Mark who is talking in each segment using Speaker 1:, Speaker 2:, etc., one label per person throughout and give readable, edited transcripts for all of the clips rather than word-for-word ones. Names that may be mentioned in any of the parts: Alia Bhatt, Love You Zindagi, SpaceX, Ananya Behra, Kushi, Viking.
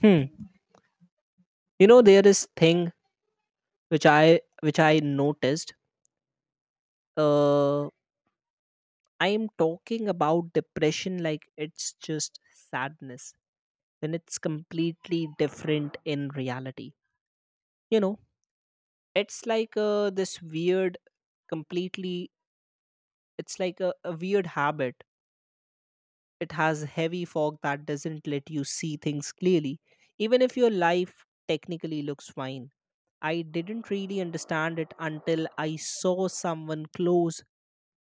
Speaker 1: Hmm. You know, there is thing which I noticed. Uh, I am talking about depression like it's just sadness, when it's completely different in reality. You know, it's like this weird, completely. It's like a weird habit. It has heavy fog that doesn't let you see things clearly, even if your life technically looks fine. I didn't really understand it until I saw someone close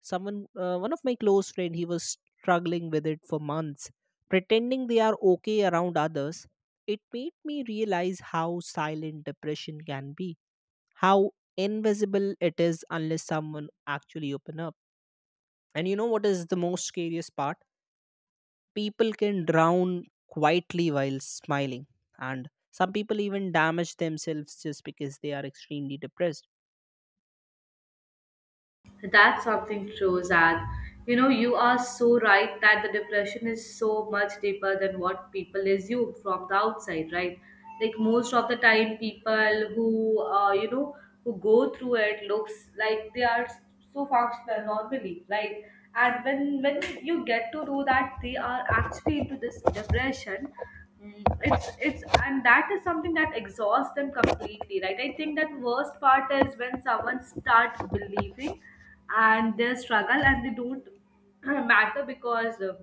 Speaker 1: Someone, uh, one of my close friend, he was struggling with it for months, pretending they are okay around others. It made me realize how silent depression can be, how invisible it is unless someone actually open up. And you know what is the most scariest part? People can drown quietly while smiling, and some people even damage themselves just because they are extremely depressed.
Speaker 2: That's something true, Zad. You know, you are so right that the depression is so much deeper than what people assume from the outside, right? Like most of the time, people who who go through it looks like they are so functional normally, right? And when you get to do that, they are actually into this depression. It's and that is something that exhausts them completely, right? I think that worst part is when someone starts believing and they struggle and they don't matter because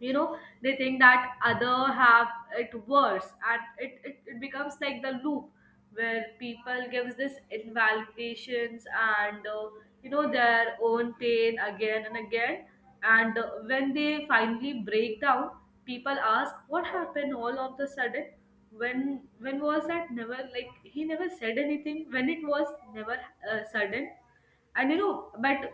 Speaker 2: they think that other have it worse, and it becomes like the loop where people gives this invalidations and their own pain again and again. And when they finally break down, people ask what happened all of the sudden. When was that? Never. Like he never said anything. When it was never sudden. And you know but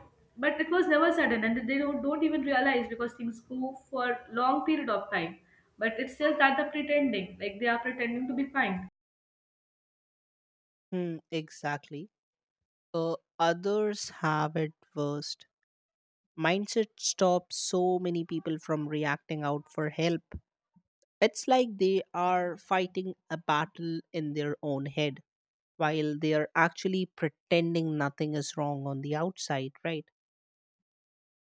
Speaker 2: but it was never sudden, and they don't even realize because things go for long period of time. But it's just that they pretending, like they are pretending to be fine.
Speaker 1: Hmm, exactly. Others have it worst mindset stops so many people from reacting out for help. It's like they are fighting a battle in their own head while they are actually pretending nothing is wrong on the outside, right?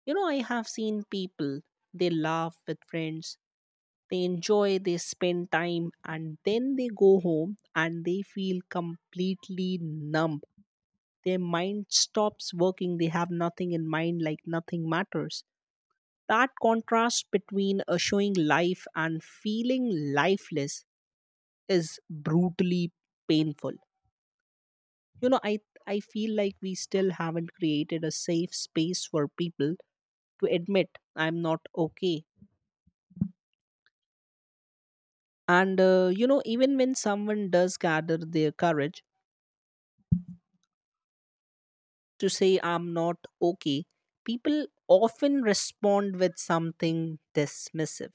Speaker 1: You know, I have seen people, they laugh with friends, they enjoy, they spend time, and then they go home and they feel completely numb. Their mind stops working, they have nothing in mind, like nothing matters. That contrast between showing life and feeling lifeless is brutally painful. You know, I feel like we still haven't created a safe space for people to admit I'm not okay. And, you know, even when someone does gather their courage to say I'm not okay, people often respond with something dismissive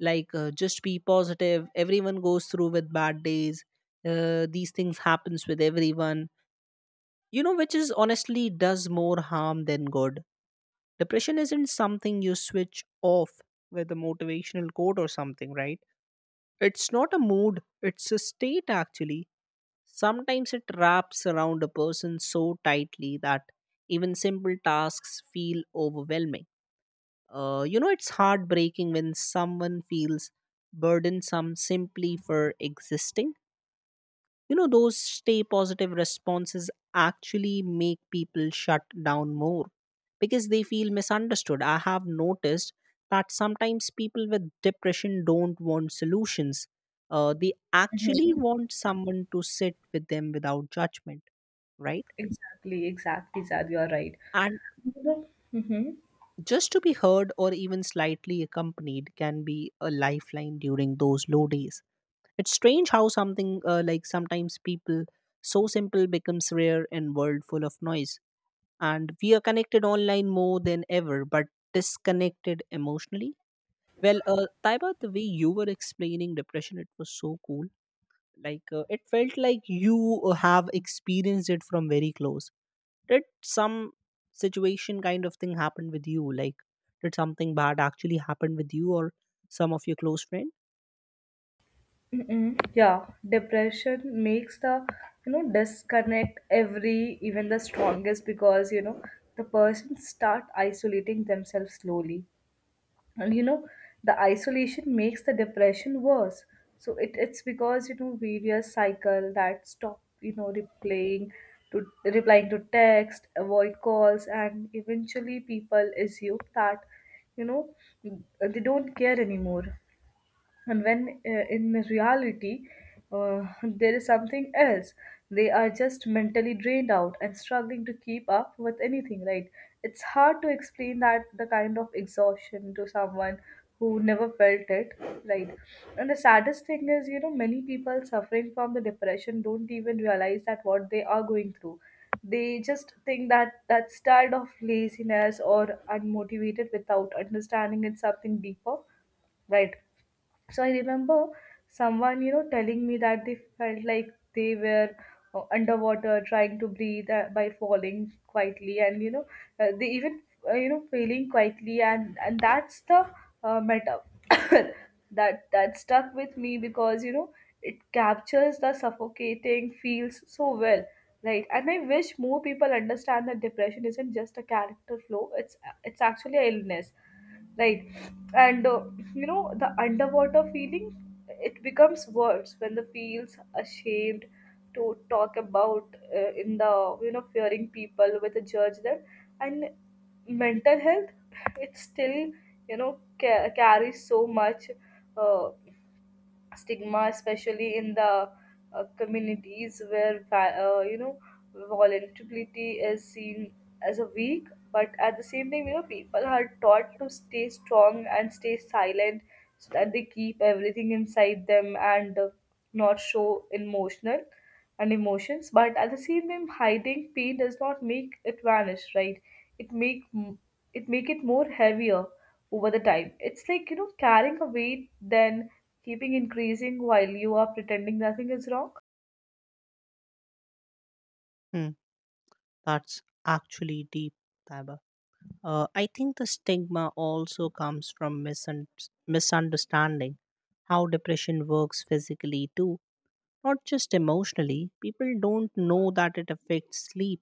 Speaker 1: like just be positive, everyone goes through with bad days. These things happens with everyone, you know, which is honestly does more harm than good. Depression isn't something you switch off with a motivational quote or something, right? It's not a mood, it's a state actually. Sometimes it wraps around a person so tightly that even simple tasks feel overwhelming. You know, it's heartbreaking when someone feels burdensome simply for existing. You know, those stay positive responses actually make people shut down more because they feel misunderstood. I have noticed that sometimes people with depression don't want solutions, they actually
Speaker 2: Mm-hmm.
Speaker 1: want someone to sit with them without judgment, right?
Speaker 2: Exactly, exactly, Zad, you're right.
Speaker 1: And
Speaker 2: You know, mm-hmm,
Speaker 1: just to be heard or even slightly accompanied can be a lifeline during those low days. It's strange how something like sometimes people so simple becomes rare in world full of noise. And we are connected online more than ever, but disconnected emotionally. Well, Taiba, the way you were explaining depression, it was so cool. Like it felt like you have experienced it from very close. Did some situation kind of thing happen with you? Like, did something bad actually happen with you or some of your close friend?
Speaker 2: mm-mm. Yeah, depression makes the, you know, disconnect every, even the strongest because, you know, the person start isolating themselves slowly. And, you know, the isolation makes the depression worse. So it's because you know various cycle that stop, you know, replying to text, avoid calls, and eventually people assume that, you know, they don't care anymore. And when in reality, there is something else. They are just mentally drained out and struggling to keep up with anything, right? It's hard to explain that the kind of exhaustion to someone who never felt it, right? And the saddest thing is, you know, many people suffering from the depression don't even realize that what they are going through. They just think that that style of laziness or unmotivated without understanding it's something deeper, right? So I remember someone, you know, telling me that they felt like they were underwater trying to breathe, by falling quietly, and they even failing quietly, and that's the metaphor that stuck with me because, you know, it captures the suffocating feels so well. Right, and I wish more people understand that depression isn't just a character flaw; it's actually an illness, right? And you know, the underwater feeling, it becomes worse when the feels ashamed to talk about, in the, you know, fearing people with a judge them. And mental health, it still, you know, carries so much uh, stigma, especially in the communities where you know, vulnerability is seen as a weak. But at the same time, you know, people are taught to stay strong and stay silent, so that they keep everything inside them and not show emotional and emotions. But at the same time, hiding pain does not make it vanish, right? It make m- it make it more heavier over the time. It's like, you know, carrying a weight, then keeping increasing while you are pretending nothing is wrong.
Speaker 1: Hmm. That's actually deep, Taiba. I think the stigma also comes from misunderstanding how depression works physically too, not just emotionally. People don't know that it affects sleep,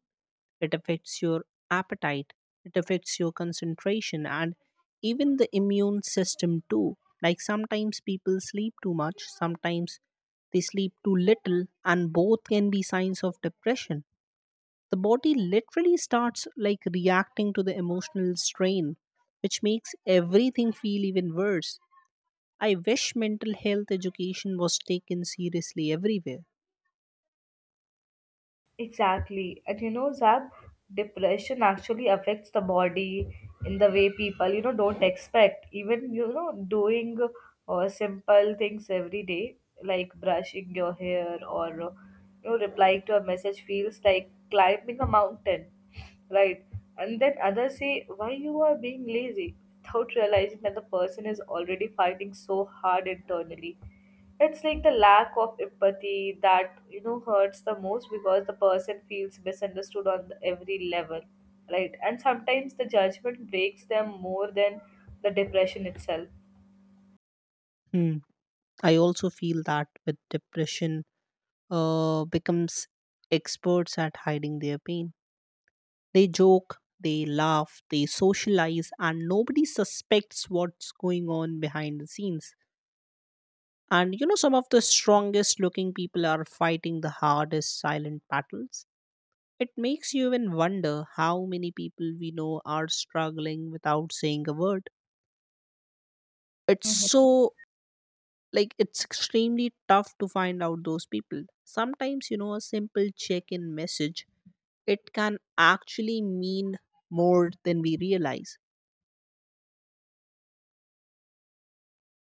Speaker 1: it affects your appetite, it affects your concentration, and even the immune system too. Like sometimes people sleep too much, sometimes they sleep too little, and both can be signs of depression. The body literally starts like reacting to the emotional strain, which makes everything feel even worse. I wish mental health education was taken seriously everywhere.
Speaker 2: Exactly. And you know, Zab, depression actually affects the body in the way people, you know, don't expect. Even, you know, doing simple things every day, like brushing your hair, or, you know, replying to a message feels like climbing a mountain, right? And then others say, why you are being lazy, without realizing that the person is already fighting so hard internally. It's like the lack of empathy that, you know, hurts the most because the person feels misunderstood on the every level, right? And sometimes the judgment breaks them more than the depression itself.
Speaker 1: Hmm. I also feel that with depression becomes experts at hiding their pain. They joke, they laugh, they socialize, and nobody suspects what's going on behind the scenes. And you know, some of the strongest looking people are fighting the hardest silent battles. It makes you even wonder how many people we know are struggling without saying a word. It's so, like, it's extremely tough to find out those people. Sometimes, you know, a simple check in message, it can actually mean more than we realize.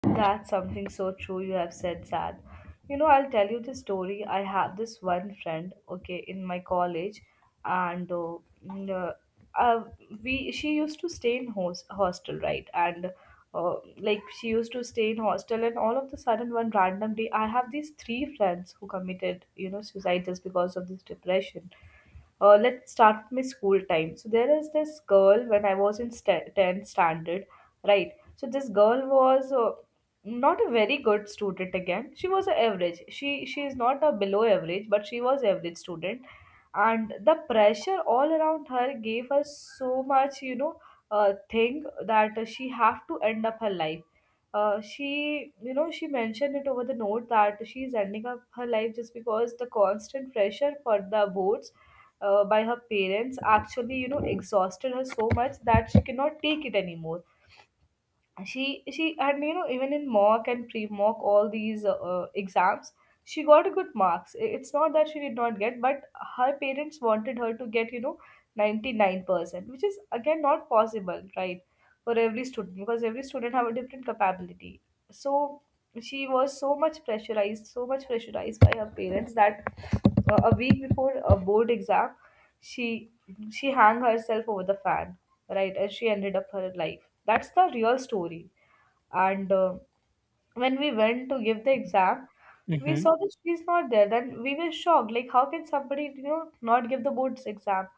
Speaker 2: That's something so true you have said, Sad. You know, I'll tell you the story. I have this one friend, okay, in my college, and mm, uh, uh, we she used to stay in hostel, right? And like she used to stay in hostel, and all of the sudden, one random day, I have these three friends who committed, you know, suicide just because of this depression. Let's start with my school time. So there is this girl when I was in 10th standard, right? So this girl was not a very good student. Again, she was a average. She is not a below average, but she was average student. And the pressure all around her gave her so much, you know, thing that she have to end up her life. Uh, she, you know, she mentioned it over the note that she is ending up her life just because the constant pressure for the boards, by her parents, actually, you know, exhausted her so much that she cannot take it anymore. And she and you know, even in mock and pre-mock, all these exams she got good marks. It's not that she did not get, but her parents wanted her to get, you know, 99%, which is again not possible, right, for every student, because every student have a different capability. So she was so much pressurized, so much pressurized by her parents that a week before a board exam, she she hung herself over the fan, right? And she ended up her life. That's the real story. And when we went to give the exam, we
Speaker 1: Mm-hmm,
Speaker 2: saw that she's not there. Then we were shocked, like how can somebody, you know, not give the board's exam?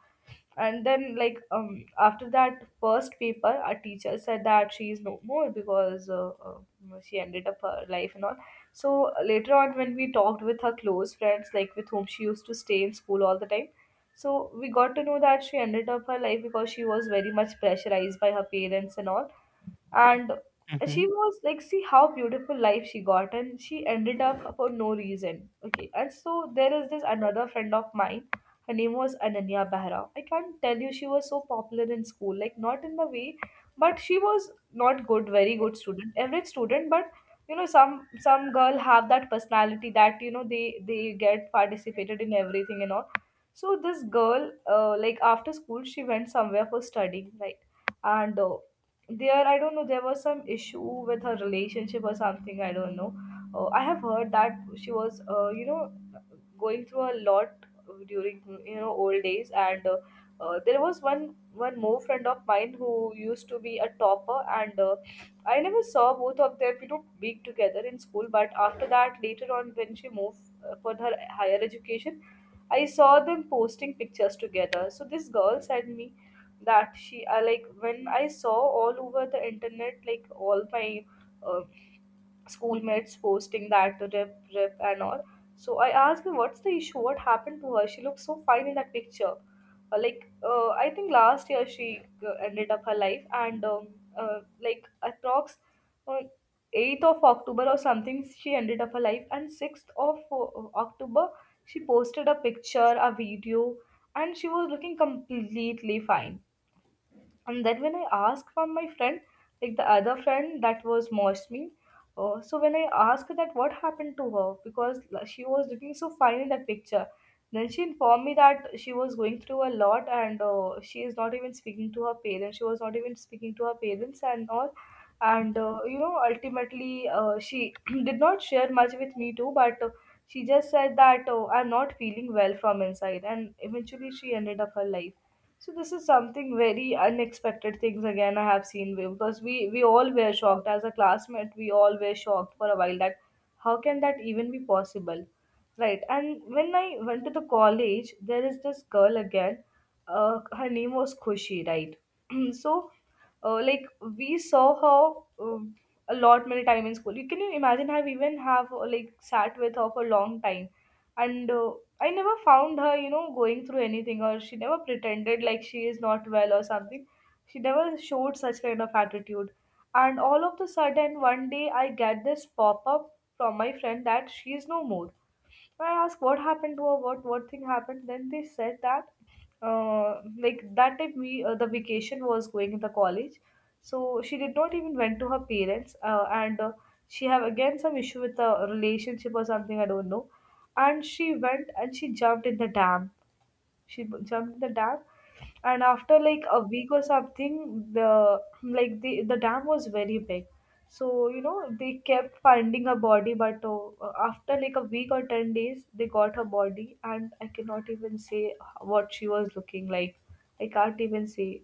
Speaker 2: And then, like, um, after that first paper, our teacher said that she is no more because she ended up her life and all. So later on, when we talked with her close friends, like with whom she used to stay in school all the time. So we got to know that she ended up her life because she was very much pressurized by her parents and all. And she
Speaker 1: mm-hmm.
Speaker 2: was like, see how beautiful life she got and she ended up for no reason. Okay, and so there is this another friend of mine, her name was Ananya Behra. I can't tell you, she was so popular in school, like not in the way, but she was not good, very good student, average student. But you know, some girl have that personality that, you know, they get participated in everything and all. So this girl, like after school she went somewhere for studying, right? And there, I don't know, there was some issue with her relationship or something, I don't know. Uh, I have heard that she was, you know, going through a lot during, you know, old days. And there was one more friend of mine who used to be a topper. And I never saw both of them, you know, being together in school. But after that, later on, when she moved for her higher education, I saw them posting pictures together. So this girl sent me that she, I, like when I saw all over the internet, like all my uh, schoolmates posting that rip rip and all. So I asked her, what's the issue? What happened to her? She looks so fine in that picture. I think last year she ended up her life. And like approx uh, 8th of October or something, she ended up her life. And 6th of October she posted a picture, a video, and she was looking completely fine. And then when I asked from my friend, like the other friend that was moist me, so when I asked that what happened to her, because she was looking so fine in that picture, then she informed me that she was going through a lot. And she is not even speaking to her parents, she was not even speaking to her parents and all. And you know, ultimately, she did not share much with me too. But she just said that, oh, I'm not feeling well from inside, and eventually she ended up her life. So this is something very unexpected things. Again, I have seen, because we all were shocked. As a classmate, we all were shocked for a while that how can that even be possible, right? And when I went to the college, there is this girl again, her name was Kushi, right? So like, we saw her, a lot many time in school. You can, you imagine, I've even have, like, sat with her for a long time. And I never found her, you know, going through anything, or she never pretended like she is not well or something. She never showed such kind of Attitude. And all of the sudden one day I get this pop up from my friend that she is no more. So, I asked what happened to her, what thing happened. Then they said that, like that time we the vacation was going in the college, so she did not even went to her parents, and she have again some issue with a relationship or something I don't know, and she went and she jumped in the dam. Jumped in the dam, and after like a week or something, the like the dam was very big. So, you know, they kept finding her body, but after like a week or 10 days, they got her body, and I cannot even say what she was looking like. I can't even say.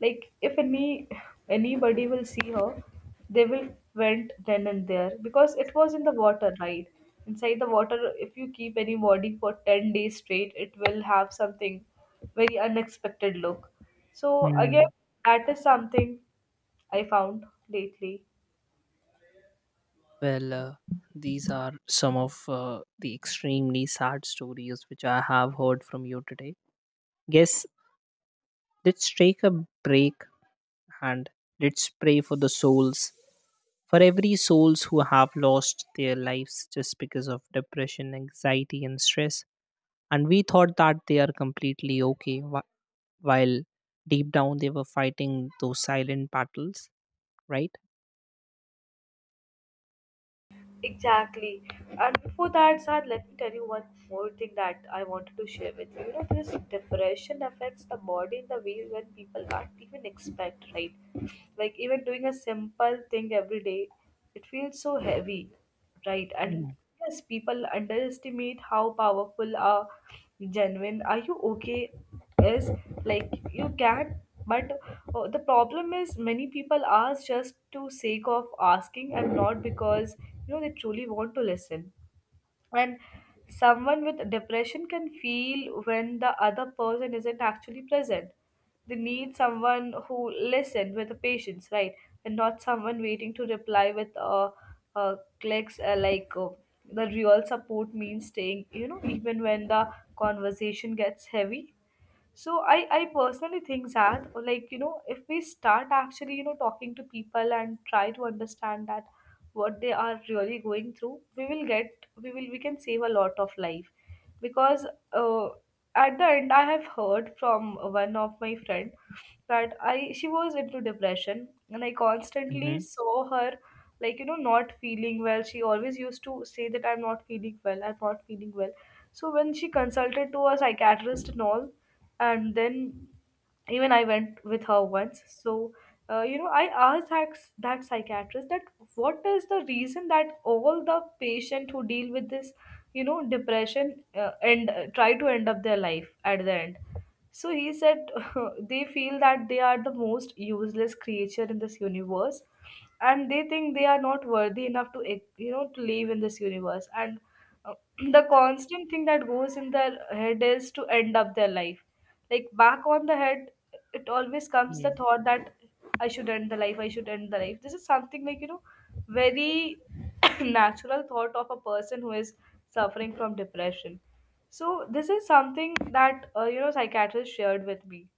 Speaker 2: Like, if any anybody will see her, they will went then and there because it was in the water, right? Inside the water, if you keep any body for 10 days straight, it will have something very unexpected look. So, again,
Speaker 1: Mm.
Speaker 2: that is something I found lately.
Speaker 1: Well, these are some of the extremely sad stories which I have heard from you today. Guess let's take a break and let's pray for the souls, for every souls who have lost their lives just because of depression, anxiety and stress, and we thought that they are completely okay while deep down they were fighting those silent battles, right?
Speaker 2: Exactly. And before that, Sad, let me tell you one more thing that I wanted to share with you. You know, this depression affects the body in the way when people can't even expect, right? Like even doing a simple thing every day, it feels so heavy. Right. And
Speaker 1: Mm,
Speaker 2: yes, people underestimate how powerful a genuine are you okay is. Like you can, but the problem is many people ask just to sake of asking and not because you know they truly want to listen. Someone with depression can feel when the other person isn't actually present. They need someone who listen with patience, right? And not someone waiting to reply with clicks, the real support means staying, you know, even when the conversation gets heavy. So I personally think that, or like, you know, if we start actually, you know, talking to people and try to understand that what they are really going through, we will get we will we can save a lot of life. Because, uh, at the end, I have heard from one of my friend that I she was into depression and I constantly
Speaker 1: mhm,
Speaker 2: saw her like, you know, not feeling well. She always used to say that I'm not feeling well, I'm not feeling well. So when she consulted to a psychiatrist and all, and then even I went with her once. So you know, I asked that, that psychiatrist that what is the reason that all the patient who deal with this, you know, depression, and try to end up their life at the end. So he said they feel that they are the most useless creature in this universe, and they think they are not worthy enough to you know, to live in this universe, and uh, the constant thing that goes in their head is to end up their life. Like back on the head, it always comes the
Speaker 1: mm.
Speaker 2: thought that I should end the life, I should end the life. This is something like, you know, very natural thought of a person who is suffering from depression. So this is something that, you know, psychiatrist shared with me.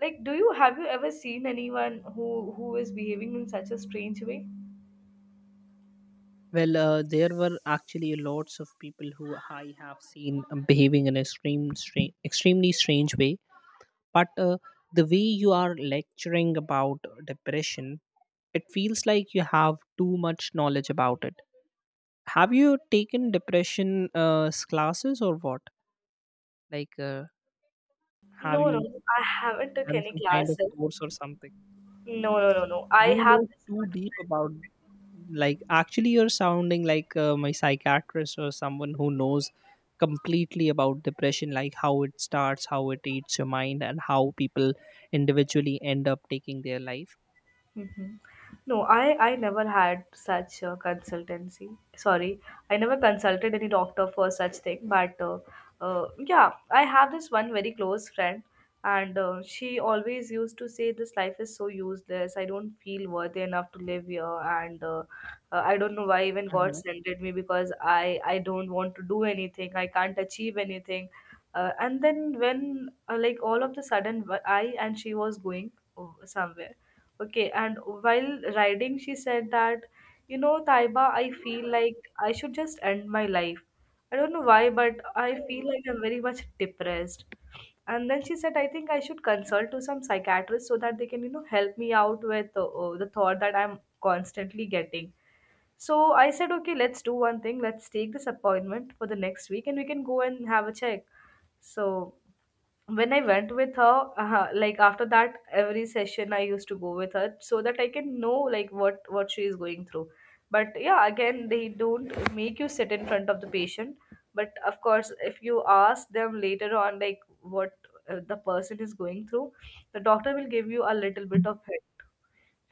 Speaker 2: Like, do you have you ever seen anyone who is behaving in such a strange way?
Speaker 1: Well, there were actually lots of people who I have seen behaving in an extremely strange way, but the way you are lecturing about depression, it feels like you have too much knowledge about it. Have you taken depression classes or what? Like have
Speaker 2: No, no,
Speaker 1: you
Speaker 2: I haven't took
Speaker 1: done
Speaker 2: any
Speaker 1: some kind of
Speaker 2: classes.
Speaker 1: course or something?
Speaker 2: No, no, no,
Speaker 1: Because
Speaker 2: no. I
Speaker 1: you
Speaker 2: have
Speaker 1: know
Speaker 2: this.
Speaker 1: too deep about, like, actually you're sounding like my psychiatrist or someone who knows completely about depression, like how it starts, how it eats your mind, and how people individually end up taking their life.
Speaker 2: Mhm. No, I never had such a consultancy. Sorry, I never consulted any doctor for such thing. But yeah, I have this one very close friend, and she always used to say, "This life is so useless. I don't feel worthy enough to live here, and I don't know why even God
Speaker 1: Mhm,
Speaker 2: sent it me because I don't want to do anything. I can't achieve anything." And then when, like all of the sudden, I and she was going uh, somewhere. Okay, and while riding, she said that, you know, Taiba, I feel like I should just end my life. I don't know why, but I feel like I'm very much depressed. And then she said, I think I should consult to some psychiatrist so that they can, you know, help me out with the thought that I'm constantly getting. So I said, okay, let's do one thing. Let's take this appointment for the next week and we can go and have a check. So when I went with her, like after that, every session I used to go with her so that I can know like what she is going through. But yeah, again, they don't make you sit in front of the patient. But of course, if you ask them later on like what the person is going through, the doctor will give you a little bit of hint.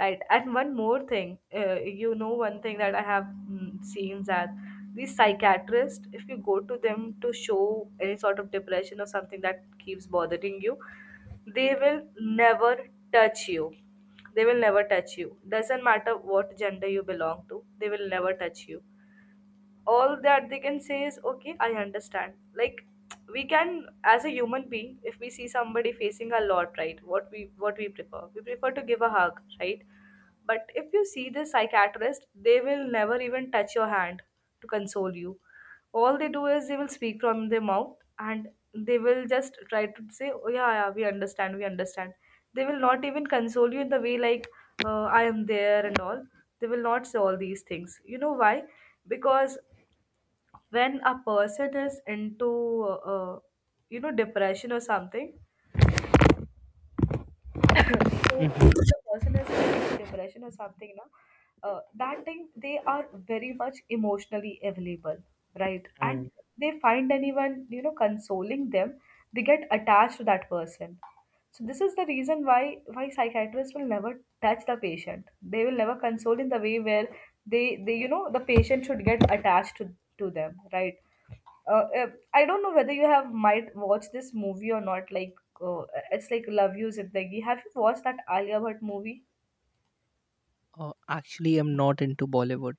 Speaker 2: Right. And one more thing, you know, one thing that I have seen that these psychiatrists, if you go to them to show any sort of depression or something that keeps bothering you, they will never touch you. They will never touch you. Doesn't matter what gender you belong to, they will never touch you. All that they can say is, okay, I understand. Like, we can, as a human being, if we see somebody facing a lot, right, what we prefer, we prefer to give a hug, right? But if you see the psychiatrist, they will never even touch your hand to console you. All they do is they will speak from their mouth, and they will just try to say, oh, yeah, yeah, we understand, we understand. They will not even console you in the way like, I am there and all. They will not say all these things, you know why? Because when a person is into you know, depression or something, so if
Speaker 1: mhm,
Speaker 2: the person is into depression or something now, that thing, they are very much emotionally available, right? And
Speaker 1: mm.
Speaker 2: they find anyone, you know, consoling them, they get attached to that person. So this is the reason why psychiatrists will never touch the patient. They will never console in the way where they, you know, the patient should get attached to them, right? uh, uh, I don't know whether you have might watched this movie or not. Like, it's like Love You Zindagi. Have you watched that Alia Bhatt movie?
Speaker 1: Oh, actually, I'm not into Bollywood.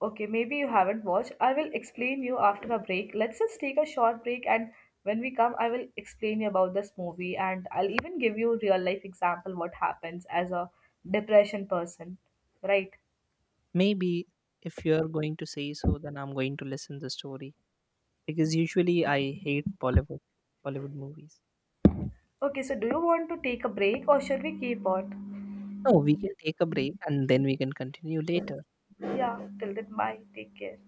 Speaker 2: Okay, maybe you haven't watched. I will explain you after a break. Let's just take a short break, and when we come, I will explain you about this movie, and I'll even give you real life example what happens as a depression person, right?
Speaker 1: Maybe if you're going to say so, then I'm going to listen the story because usually I hate Bollywood movies.
Speaker 2: Okay, so do you want to take a break or should we keep on?
Speaker 1: No, we can take a break and then we can continue later.
Speaker 2: Yeah, till then, bye. Take care.